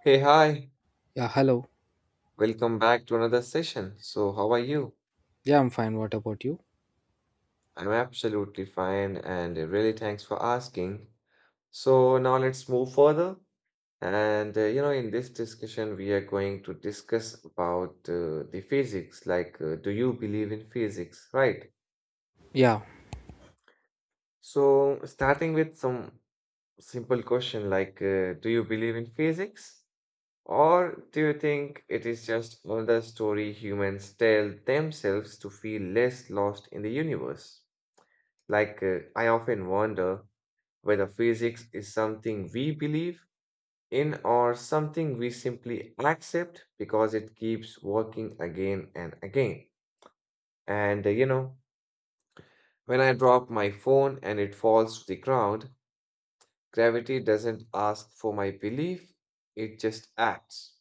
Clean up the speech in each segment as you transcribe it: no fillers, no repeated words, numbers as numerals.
Hey, hi. Yeah, hello. Welcome back to another session. So, how are you? Yeah, I'm fine. What about you? I'm absolutely fine and really thanks for asking. So, now let's move further. And in this discussion, we are going to discuss about the physics, like do you believe in physics, right? Yeah, So, starting with some simple question like do you believe in physics? Or do you think it is just another story humans tell themselves to feel less lost in the universe? I often wonder whether physics is something we believe in or something we simply accept because it keeps working again and again. And, uh, you know, when I drop my phone and it falls to the ground, gravity doesn't ask for my belief, it just acts.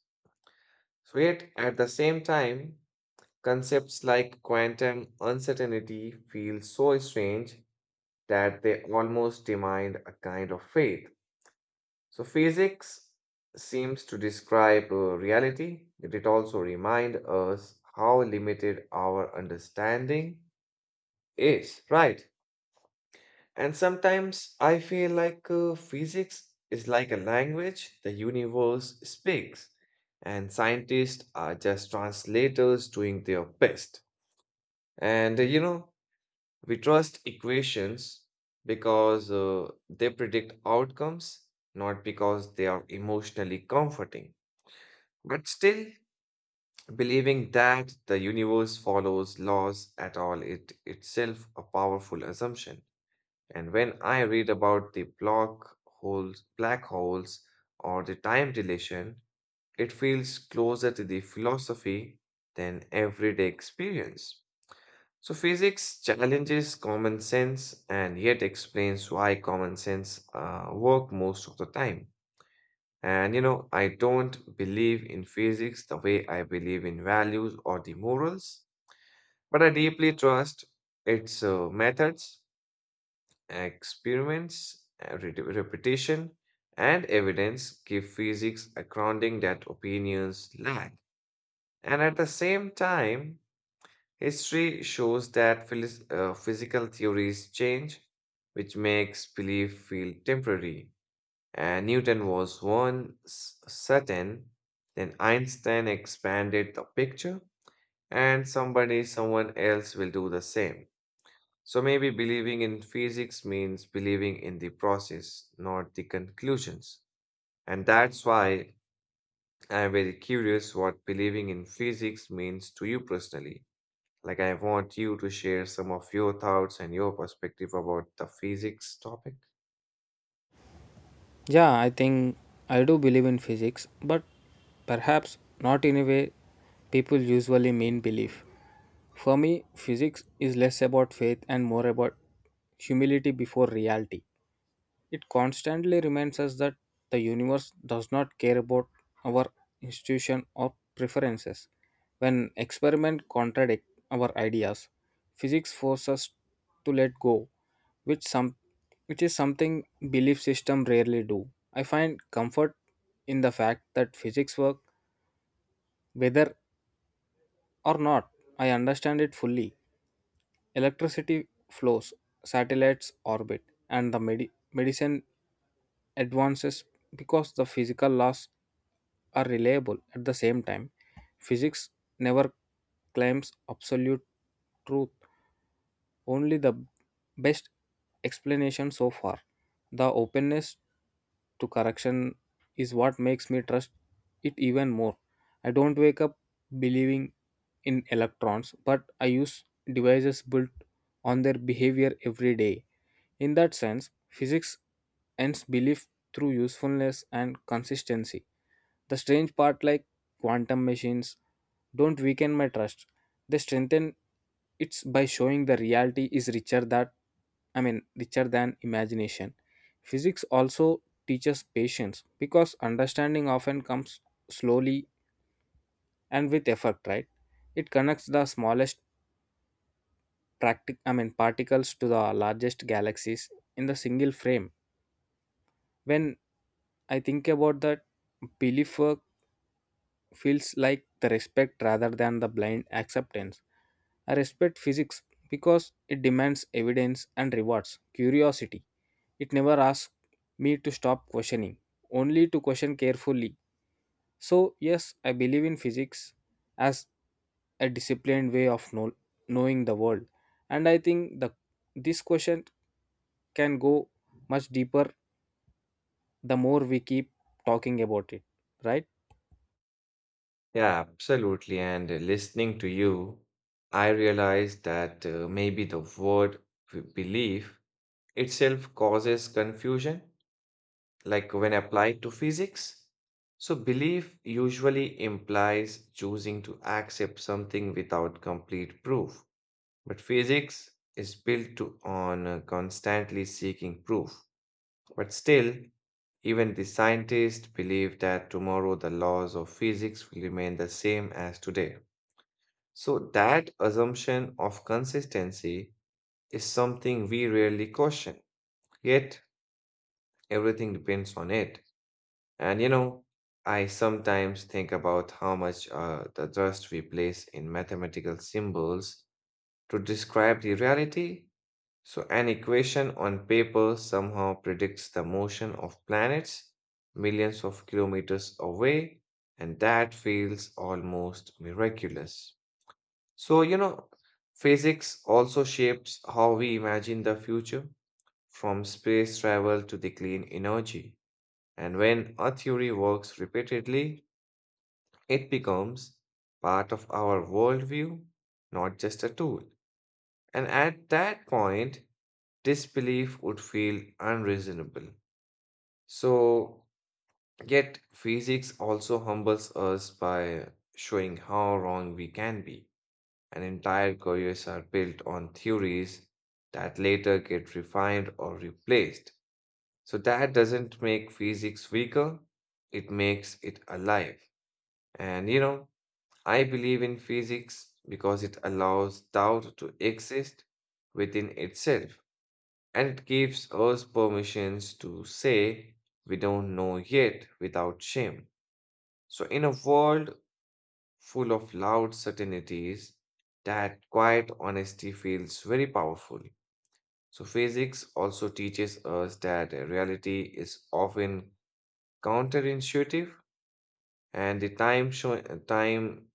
So, yet at the same time, concepts like quantum uncertainty feel so strange that they almost demand a kind of faith. So, physics seems to describe reality, yet it also reminds us how limited our understanding is, right? And sometimes I feel like physics is like a language the universe speaks, and scientists are just translators doing their best. And we trust equations because they predict outcomes, not because they are emotionally comforting. But still, believing that the universe follows laws at all it itself a powerful assumption. And when I read about the black holes or the time dilation, it feels closer to the philosophy than everyday experience. So, physics challenges common sense and yet explains why common sense work most of the time. And you know, I don't believe in physics the way I believe in values or the morals, but I deeply trust its methods, experiments, repetition, and evidence give physics a grounding that opinions lack. And at the same time, history shows that physical theories change, which makes belief feel temporary. And Newton was once certain, then Einstein expanded the picture, and someone else will do the same. So maybe believing in physics means believing in the process, not the conclusions. And that's why I'm very curious what believing in physics means to you personally. Like, I want you to share some of your thoughts and your perspective about the physics topic. yeah, I think I do believe in physics, but perhaps not in a way people usually mean belief. For me, physics is less about faith and more about humility before reality. It constantly reminds us that the universe does not care about our institution or preferences. When experiments contradict our ideas, physics forces us to let go, which some which is something belief system rarely do. I find comfort in the fact that physics work whether or not I understand it fully. Electricity flows, satellites orbit, and medicine advances because the physical laws are reliable at the same time. Physics never claims absolute truth, only the best explanation so far. The openness to correction is what makes me trust it even more. I don't wake up believing in electrons, but I use devices built on their behavior every day. In that sense, physics ends belief through usefulness and consistency. The strange part, like quantum machines, don't weaken my trust. They strengthen it by showing the reality is richer that I mean richer than imagination. Physics also teaches patience because understanding often comes slowly and with effort, right? It connects the smallest practic- I mean, particles to the largest galaxies in the single frame. When I think about that, belief feels like the respect rather than the blind acceptance. I respect physics because it demands evidence and rewards curiosity. It never asks me to stop questioning, only to question carefully. So, yes, I believe in physics as a disciplined way of knowing the world. And I think the this question can go much deeper the more we keep talking about it, right? Yeah, absolutely. And listening to you, I realized that maybe the word belief itself causes confusion, like when applied to physics. So, belief usually implies choosing to accept something without complete proof. But physics is on constantly seeking proof. But still, even the scientists believe that tomorrow the laws of physics will remain the same as today. So, that assumption of consistency is something we rarely question, yet, everything depends on it. And you know, I sometimes think about how much the trust we place in mathematical symbols to describe the reality. So an equation on paper somehow predicts the motion of planets millions of kilometers away, and that feels almost miraculous. So, you know, physics also shapes how we imagine the future, from space travel to the clean energy. And when a theory works repeatedly, it becomes part of our worldview, not just a tool. And at that point, this belief would feel unreasonable. So, yet, physics also humbles us by showing how wrong we can be, and entire careers are built on theories that later get refined or replaced. So, that doesn't make physics weaker, it makes it alive. And you know, I believe in physics because it allows doubt to exist within itself and it gives us permissions to say we don't know yet without shame. So, in a world full of loud certainties, that quiet honesty feels very powerful. So, physics also teaches us that reality is often counterintuitive, and the time show, time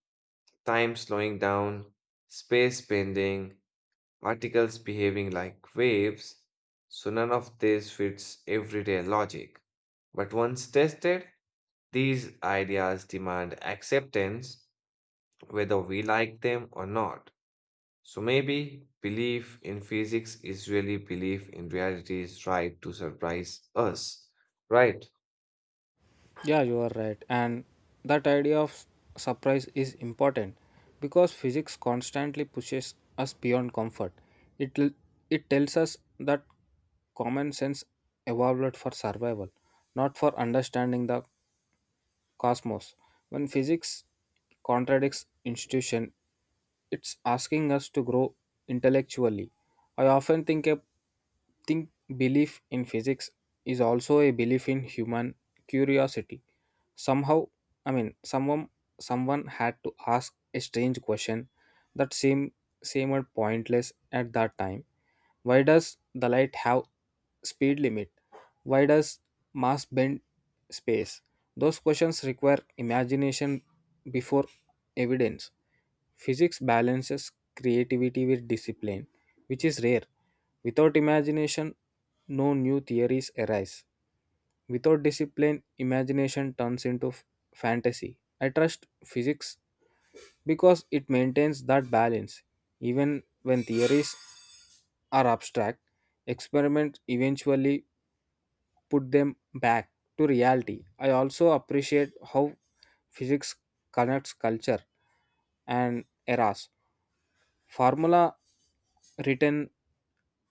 time slowing down, space bending, particles behaving like waves, so none of this fits everyday logic. But once tested, these ideas demand acceptance whether we like them or not. So maybe belief in physics is really belief in reality's right to surprise us, right? Yeah, you are right. And that idea of surprise is important because physics constantly pushes us beyond comfort. It l- it tells us that common sense evolved for survival, not for understanding the cosmos. When physics contradicts institution, it's asking us to grow intellectually. I often think belief in physics is also a belief in human curiosity. Somehow, someone someone had to ask a strange question that seemed pointless at that time. Why does the light have speed limit? Why does mass bend space? Those questions require imagination before evidence. Physics balances creativity with discipline, which is rare. Without imagination, no new theories arise. Without discipline, imagination turns into fantasy. I trust physics because it maintains that balance. Even when theories are abstract, experiments eventually put them back to reality. I also appreciate how physics connects culture and eras. Formula written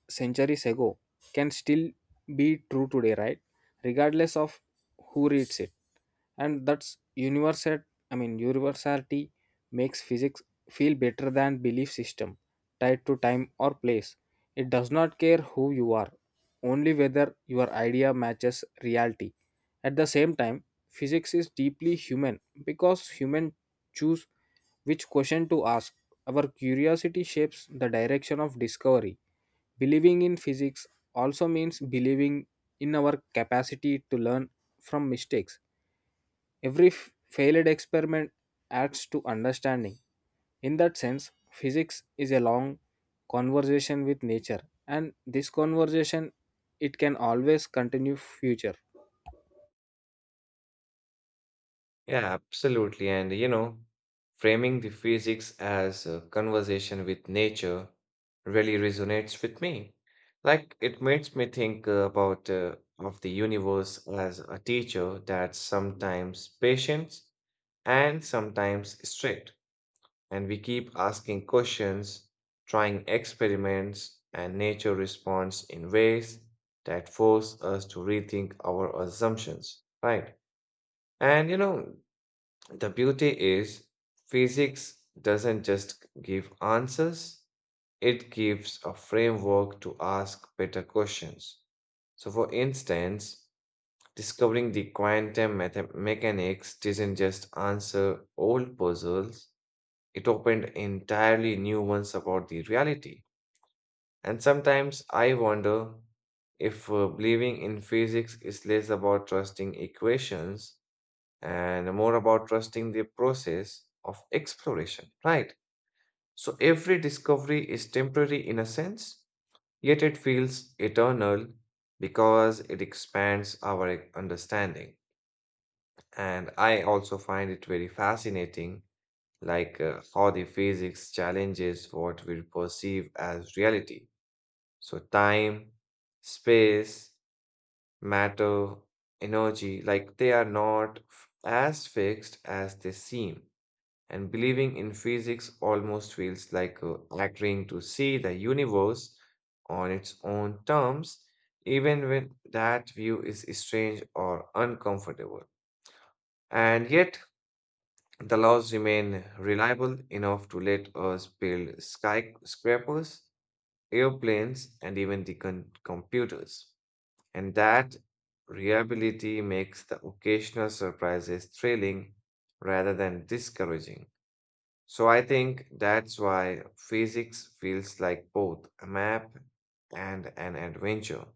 centuries ago can still be true today, right, regardless of who reads it. And that's universality makes physics feel better than belief system tied to time or place. It does not care who you are, only whether your idea matches reality. At the same time, physics is deeply human because humans choose which question to ask. Our curiosity shapes the direction of discovery. Believing in physics also means believing in our capacity to learn from mistakes. Every failed experiment adds to understanding. In that sense, physics is a long conversation with nature, and this conversation it can always continue future. Yeah, absolutely. And you know, framing the physics as a conversation with nature really resonates with me. Like it makes me think about of the universe as a teacher that's sometimes patient and sometimes strict. And we keep asking questions, trying experiments, and nature responds in ways that force us to rethink our assumptions, right? And you know, the beauty is, physics doesn't just give answers, it gives a framework to ask better questions. So, for instance, discovering the quantum mechanics didn't just answer old puzzles, it opened entirely new ones about the reality. And sometimes I wonder if believing in physics is less about trusting equations and more about trusting the process of exploration, right? So every discovery is temporary in a sense, yet it feels eternal because it expands our understanding. And I also find it very fascinating, like how the physics challenges what we perceive as reality. So, time, space, matter, energy, like they are not f- as fixed as they seem. And believing in physics almost feels like agreeing to see the universe on its own terms, even when that view is strange or uncomfortable. And yet, the laws remain reliable enough to let us build skyscrapers, airplanes, and even the computers. And that reliability makes the occasional surprises thrilling rather than discouraging. So I think that's why physics feels like both a map and an adventure.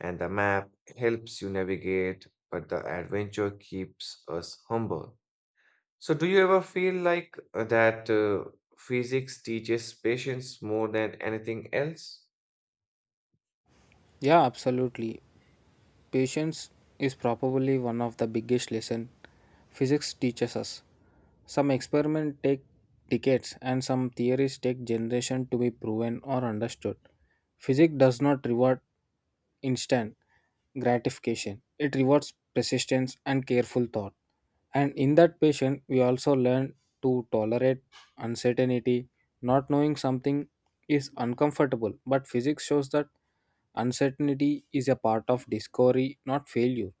And the map helps you navigate, but the adventure keeps us humble. So do you ever feel like that physics teaches patience more than anything else? Yeah, absolutely. Patience is probably one of the biggest lessons physics teaches us. Some experiments take decades and some theories take generations to be proven or understood. Physics does not reward instant gratification, it rewards persistence and careful thought. And in that patience, we also learn to tolerate uncertainty. Not knowing something is uncomfortable, but physics shows that uncertainty is a part of discovery, not failure.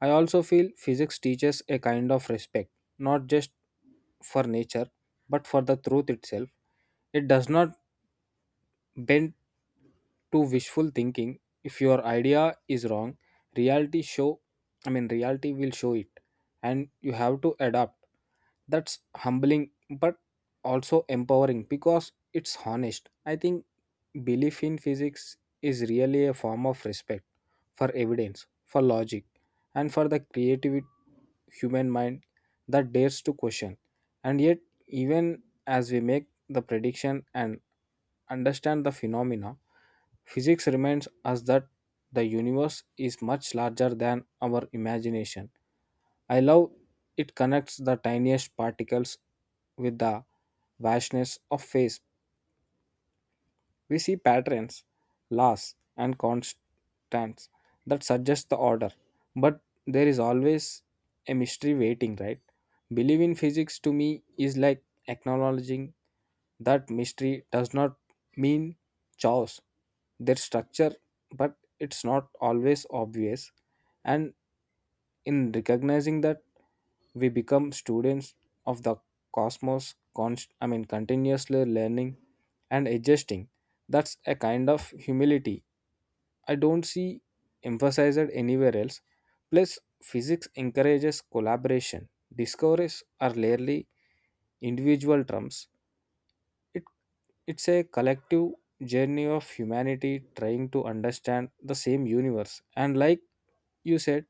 I also feel physics teaches a kind of respect, not just for nature, but for the truth itself. It does not bent to wishful thinking. If your idea is wrong, reality show reality will show it and you have to adapt. That's humbling but also empowering because it's honest. I think belief in physics is really a form of respect for evidence, for logic, and for the creative human mind that dares to question. And yet, even as we make the prediction and understand the phenomena, physics reminds us that the universe is much larger than our imagination. I love it connects the tiniest particles with the vastness of space. We see patterns, laws, and constants that suggest the order, but there is always a mystery waiting, right? Believe in physics to me is like acknowledging that mystery does not mean chaos, their structure, but it's not always obvious. And in recognizing that, we become students of the cosmos, continuously learning and adjusting. That's a kind of humility I don't see emphasized anywhere else. Plus, physics encourages collaboration. Discoveries are rarely individual terms. It's a collective journey of humanity trying to understand the same universe. And like you said,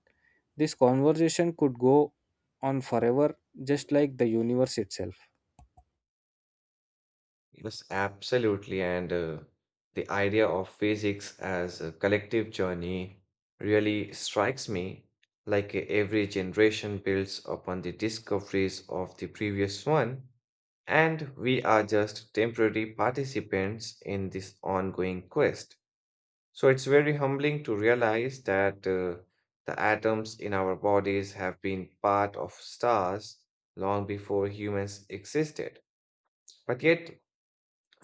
this conversation could go on forever, just like the universe itself. Yes, absolutely. And the idea of physics as a collective journey really strikes me like every generation builds upon the discoveries of the previous one, and we are just temporary participants in this ongoing quest. So it's very humbling to realize that the atoms in our bodies have been part of stars long before humans existed. But yet,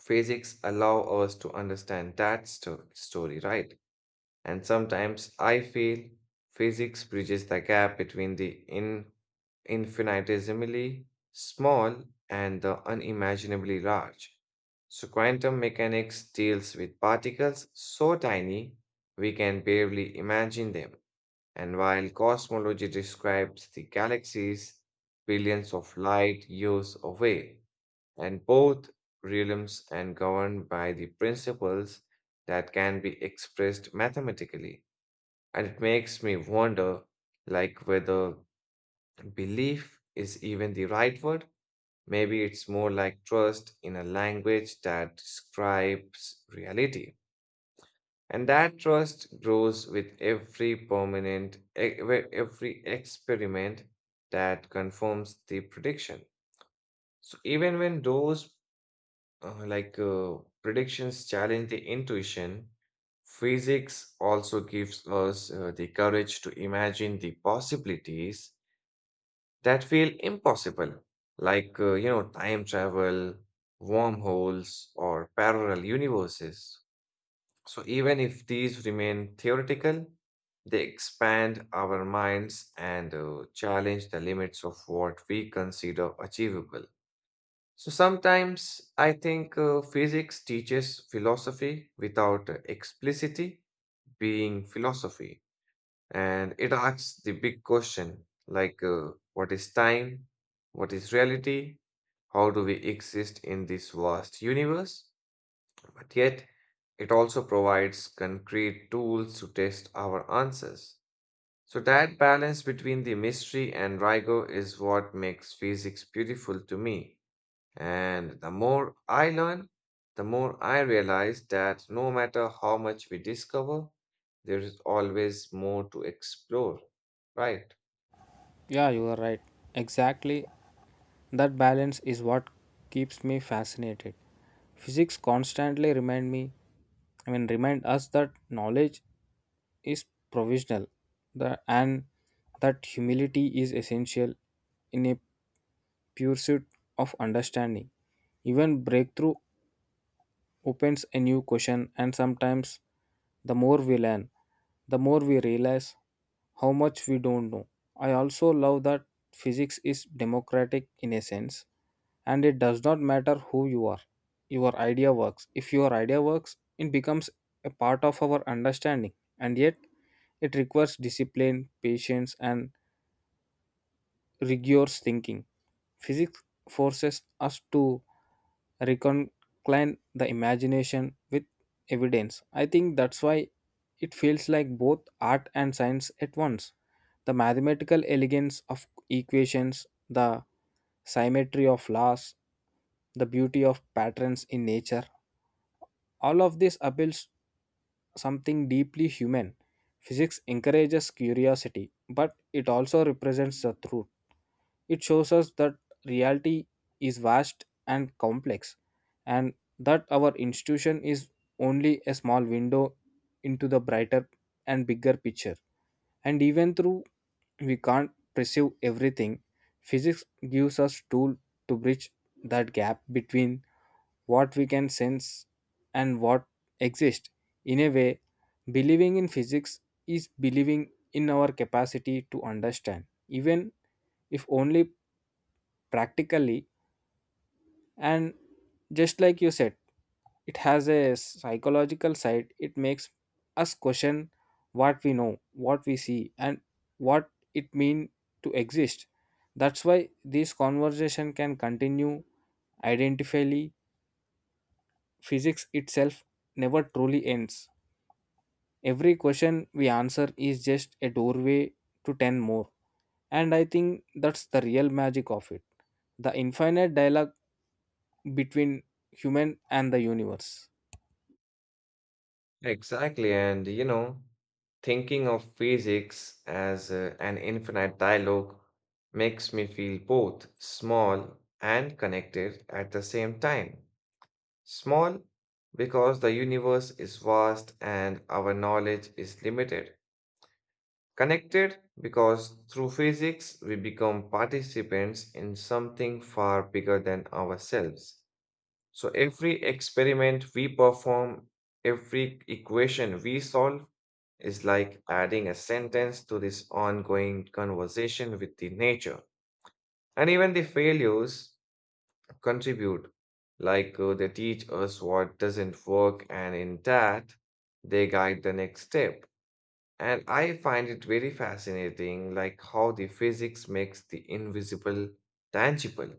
physics allow us to understand that story, right? And sometimes I feel physics bridges the gap between the in infinitesimally small and the unimaginably large. So quantum mechanics deals with particles so tiny we can barely imagine them, and while cosmology describes the galaxies billions of light years away, and both realms and governed by the principles that can be expressed mathematically. And it makes me wonder like whether belief is even the right word. Maybe it's more like trust in a language that describes reality. And that trust grows with every with every experiment that confirms the prediction. So even when those uh, like uh, predictions challenge the intuition, physics also gives us the courage to imagine the possibilities that feel impossible, like time travel, wormholes, or parallel universes. So even if these remain theoretical, they expand our minds and challenge the limits of what we consider achievable. So sometimes I think physics teaches philosophy without explicitly being philosophy. And it asks the big question like, what is time? What is reality? How do we exist in this vast universe? But yet, it also provides concrete tools to test our answers. So, that balance between the mystery and rigor is what makes physics beautiful to me. And the more I learn, the more I realize that no matter how much we discover, there is always more to explore. Right. Yeah, you are right. Exactly. That balance is what keeps me fascinated. Physics constantly remind me, I mean, remind us that knowledge is provisional, and that humility is essential in a pursuit of understanding. Even breakthrough opens a new question, and sometimes the more we learn, the more we realize how much we don't know. I also love that physics is democratic in a sense, and it does not matter who you are. Your idea works. If your idea works, it becomes a part of our understanding, and yet it requires discipline, patience, and rigorous thinking. Physics forces us to reconcile the imagination with evidence. I think that's why it feels like both art and science at once. The mathematical elegance of equations, the symmetry of laws, the beauty of patterns in nature. All of this appeals something deeply human. Physics encourages curiosity, but it also represents the truth. It shows us that reality is vast and complex, and that our institution is only a small window into the brighter and bigger picture. And even though we can't perceive everything, physics gives us tool to bridge that gap between what we can sense and what exists. In a way, believing in physics is believing in our capacity to understand, even if only practically. And just like you said, it has a psychological side, it makes us question what we know, what we see, and what it means to exist. That's why this conversation can continue identifyly. Physics itself never truly ends. Every question we answer is just a doorway to 10 more, and I think that's the real magic of it, the infinite dialogue between human and the universe. Exactly. And, you know, thinking of physics as an infinite dialogue makes me feel both small and connected at the same time. Small because the universe is vast and our knowledge is limited. Connected because through physics we become participants in something far bigger than ourselves. So every experiment we perform, every equation we solve is like adding a sentence to this ongoing conversation with the nature. And even the failures contribute, like they teach us what doesn't work, and in that, they guide the next step. And I find it very fascinating, like how the physics makes the invisible tangible,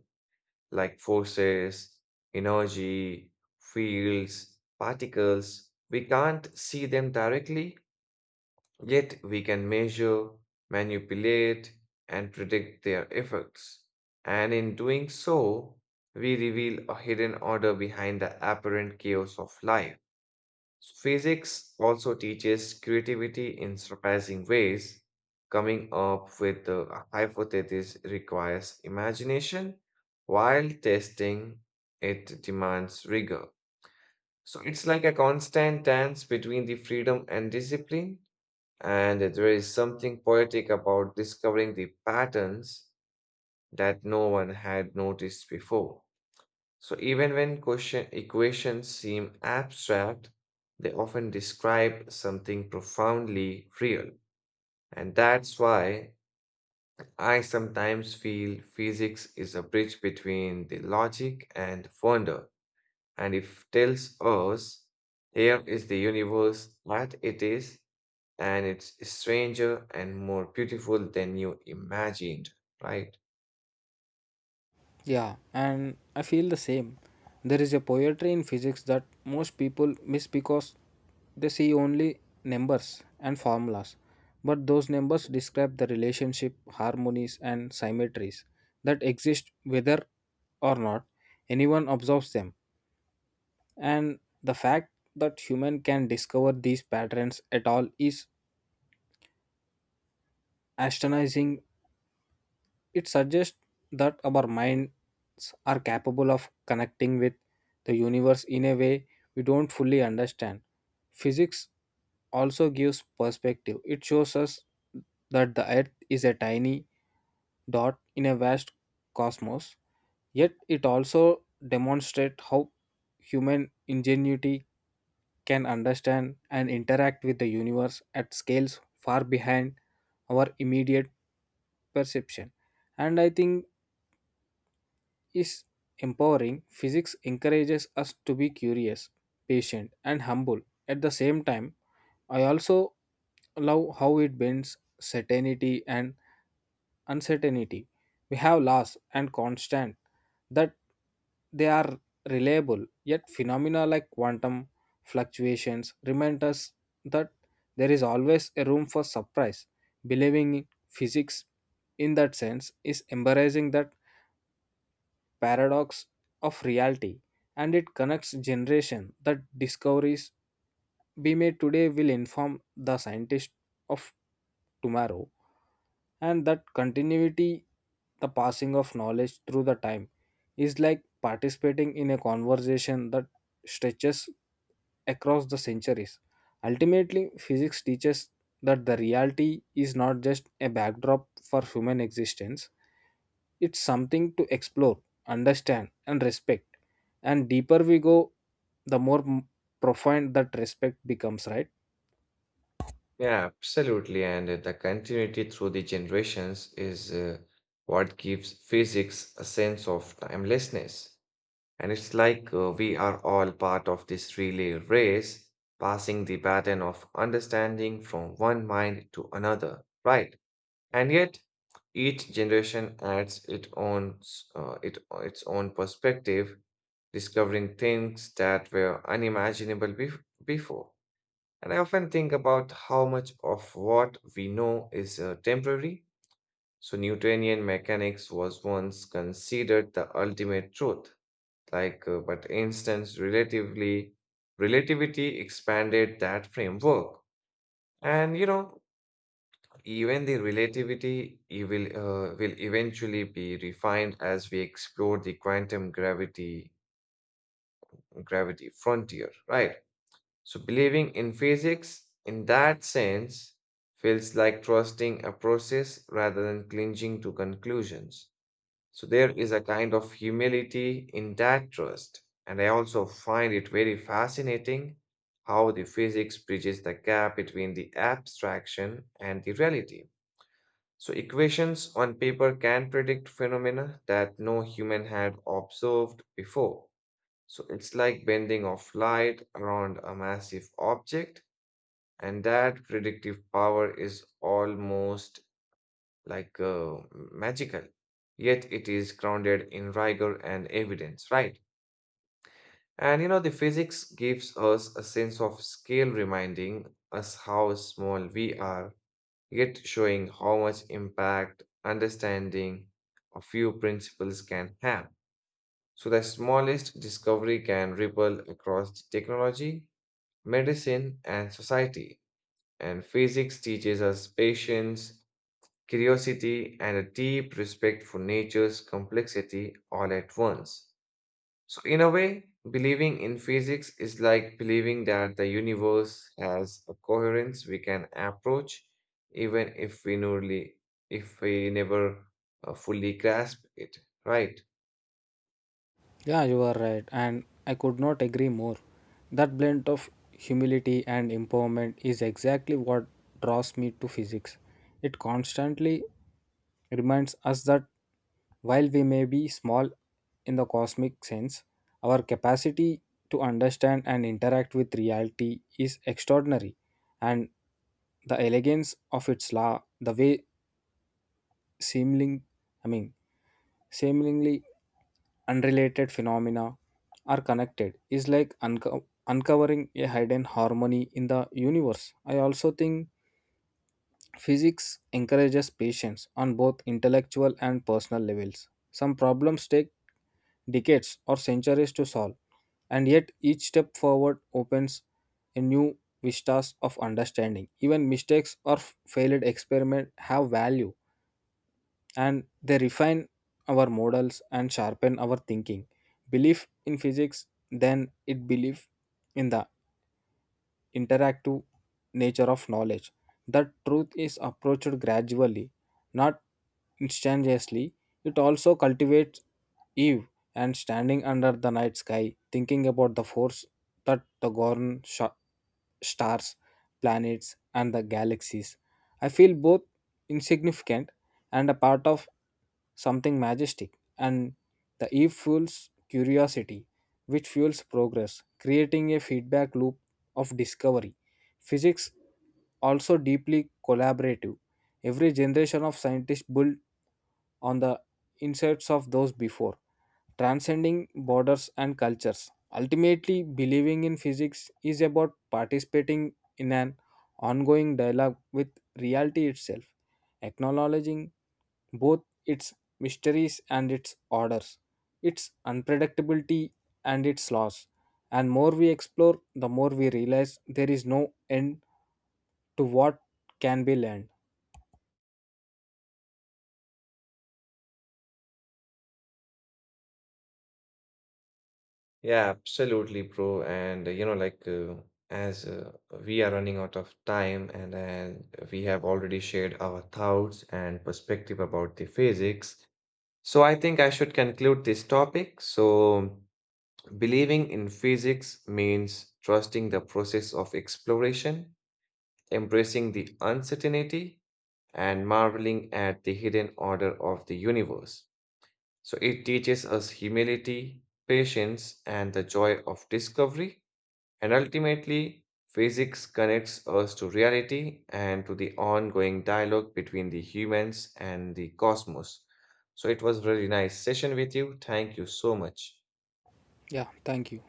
like forces, energy, fields, particles. We can't see them directly, yet we can measure, manipulate, and predict their effects. And in doing so, we reveal a hidden order behind the apparent chaos of life. So physics also teaches creativity in surprising ways. Coming up with a hypothesis requires imagination, while testing it demands rigor. So it's like a constant dance between the freedom and discipline. And there is something poetic about discovering the patterns that no one had noticed before. So even when question equations seem abstract, they often describe something profoundly real. And that's why I sometimes feel physics is a bridge between the logic and wonder. And it tells us here is the universe that it is, and it's stranger and more beautiful than you imagined, right? Yeah, and I feel the same. There is a poetry in physics that most people miss because they see only numbers and formulas, but those numbers describe the relationship, harmonies and symmetries that exist whether or not anyone observes them. And the fact that human can discover these patterns at all is astonishing. It suggests that our minds are capable of connecting with the universe in a way we don't fully understand. Physics also gives perspective. It shows us that the earth is a tiny dot in a vast cosmos, yet it also demonstrates how human ingenuity can understand and interact with the universe at scales far behind our immediate perception. And I think is empowering. Physics encourages us to be curious, patient, and humble. At the same time, I also love how it bends certainty and uncertainty. We have laws and constant that they are reliable, yet phenomena like quantum fluctuations remind us that there is always a room for surprise. Believing in physics in that sense is embarrassing that paradox of reality, and it connects generation that discoveries be made today will inform the scientists of tomorrow. And that continuity, the passing of knowledge through the time, is like participating in a conversation that stretches across the centuries. Ultimately, physics teaches that the reality is not just a backdrop for human existence, it's something to explore, understand, and respect. And deeper we go, the more m- profound that respect becomes, right? Yeah, absolutely. And the continuity through the generations is what gives physics a sense of timelessness. And it's like we are all part of this relay race, passing the baton of understanding from one mind to another, right? And yet, each generation adds its own perspective, discovering things that were unimaginable before. And I often think about how much of what we know is temporary. So, Newtonian mechanics was once considered the ultimate truth. Like, relativity expanded that framework. And you know, even the relativity it will eventually be refined as we explore the quantum gravity frontier, right? So, believing in physics in that sense feels like trusting a process rather than clinging to conclusions. So, there is a kind of humility in that trust. And I also find it very fascinating how the physics bridges the gap between the abstraction and the reality. So, equations on paper can predict phenomena that no human had observed before. So, it's like bending of light around a massive object and that predictive power is almost like magical, yet it is grounded in rigor and evidence, right? And you know, the physics gives us a sense of scale, reminding us how small we are, yet showing how much impact understanding a few principles can have. So, the smallest discovery can ripple across technology, medicine, and society. And physics teaches us patience curiosity, and a deep respect for nature's complexity all at once. So, in a way, believing in physics is like believing that the universe has a coherence we can approach, even if if we never fully grasp it, right? Yeah, you are right, and I could not agree more. That blend of humility and empowerment is exactly what draws me to physics. It constantly reminds us that while we may be small in the cosmic sense, our capacity to understand and interact with reality is extraordinary, and the elegance of its law, the way seeming, I mean, seemingly unrelated phenomena are connected is like uncovering a hidden harmony in the universe. I also think physics encourages patience on both intellectual and personal levels. Some problems take decades or centuries to solve, and yet each step forward opens a new vistas of understanding. Even mistakes or failed experiment have value and they refine our models and sharpen our thinking. Belief in physics, then it belief in the interactive nature of knowledge. The truth is approached gradually, not instantaneously. It also cultivates Eve and standing under the night sky, thinking about the force that stars, planets, and the galaxies. I feel both insignificant and a part of something majestic, and the Eve fuels curiosity, which fuels progress, creating a feedback loop of discovery. Physics also deeply collaborative. Every generation of scientists build on the insights of those before, transcending borders and cultures. Ultimately, believing in physics is about participating in an ongoing dialogue with reality itself, acknowledging both its mysteries and its orders, its unpredictability and its loss. And more we explore, the more we realize there is no end to what can be learned. Yeah, absolutely, bro. And you know, like as we are running out of time, and then we have already shared our thoughts and perspective about the physics. So I think I should conclude this topic. So believing in physics means trusting the process of exploration, embracing the uncertainty, and marveling at the hidden order of the universe. So it teaches us humility, patience, and the joy of discovery. And ultimately, physics connects us to reality and to the ongoing dialogue between the humans and the cosmos. So it was really nice session with you. Thank you so much. Yeah, thank you.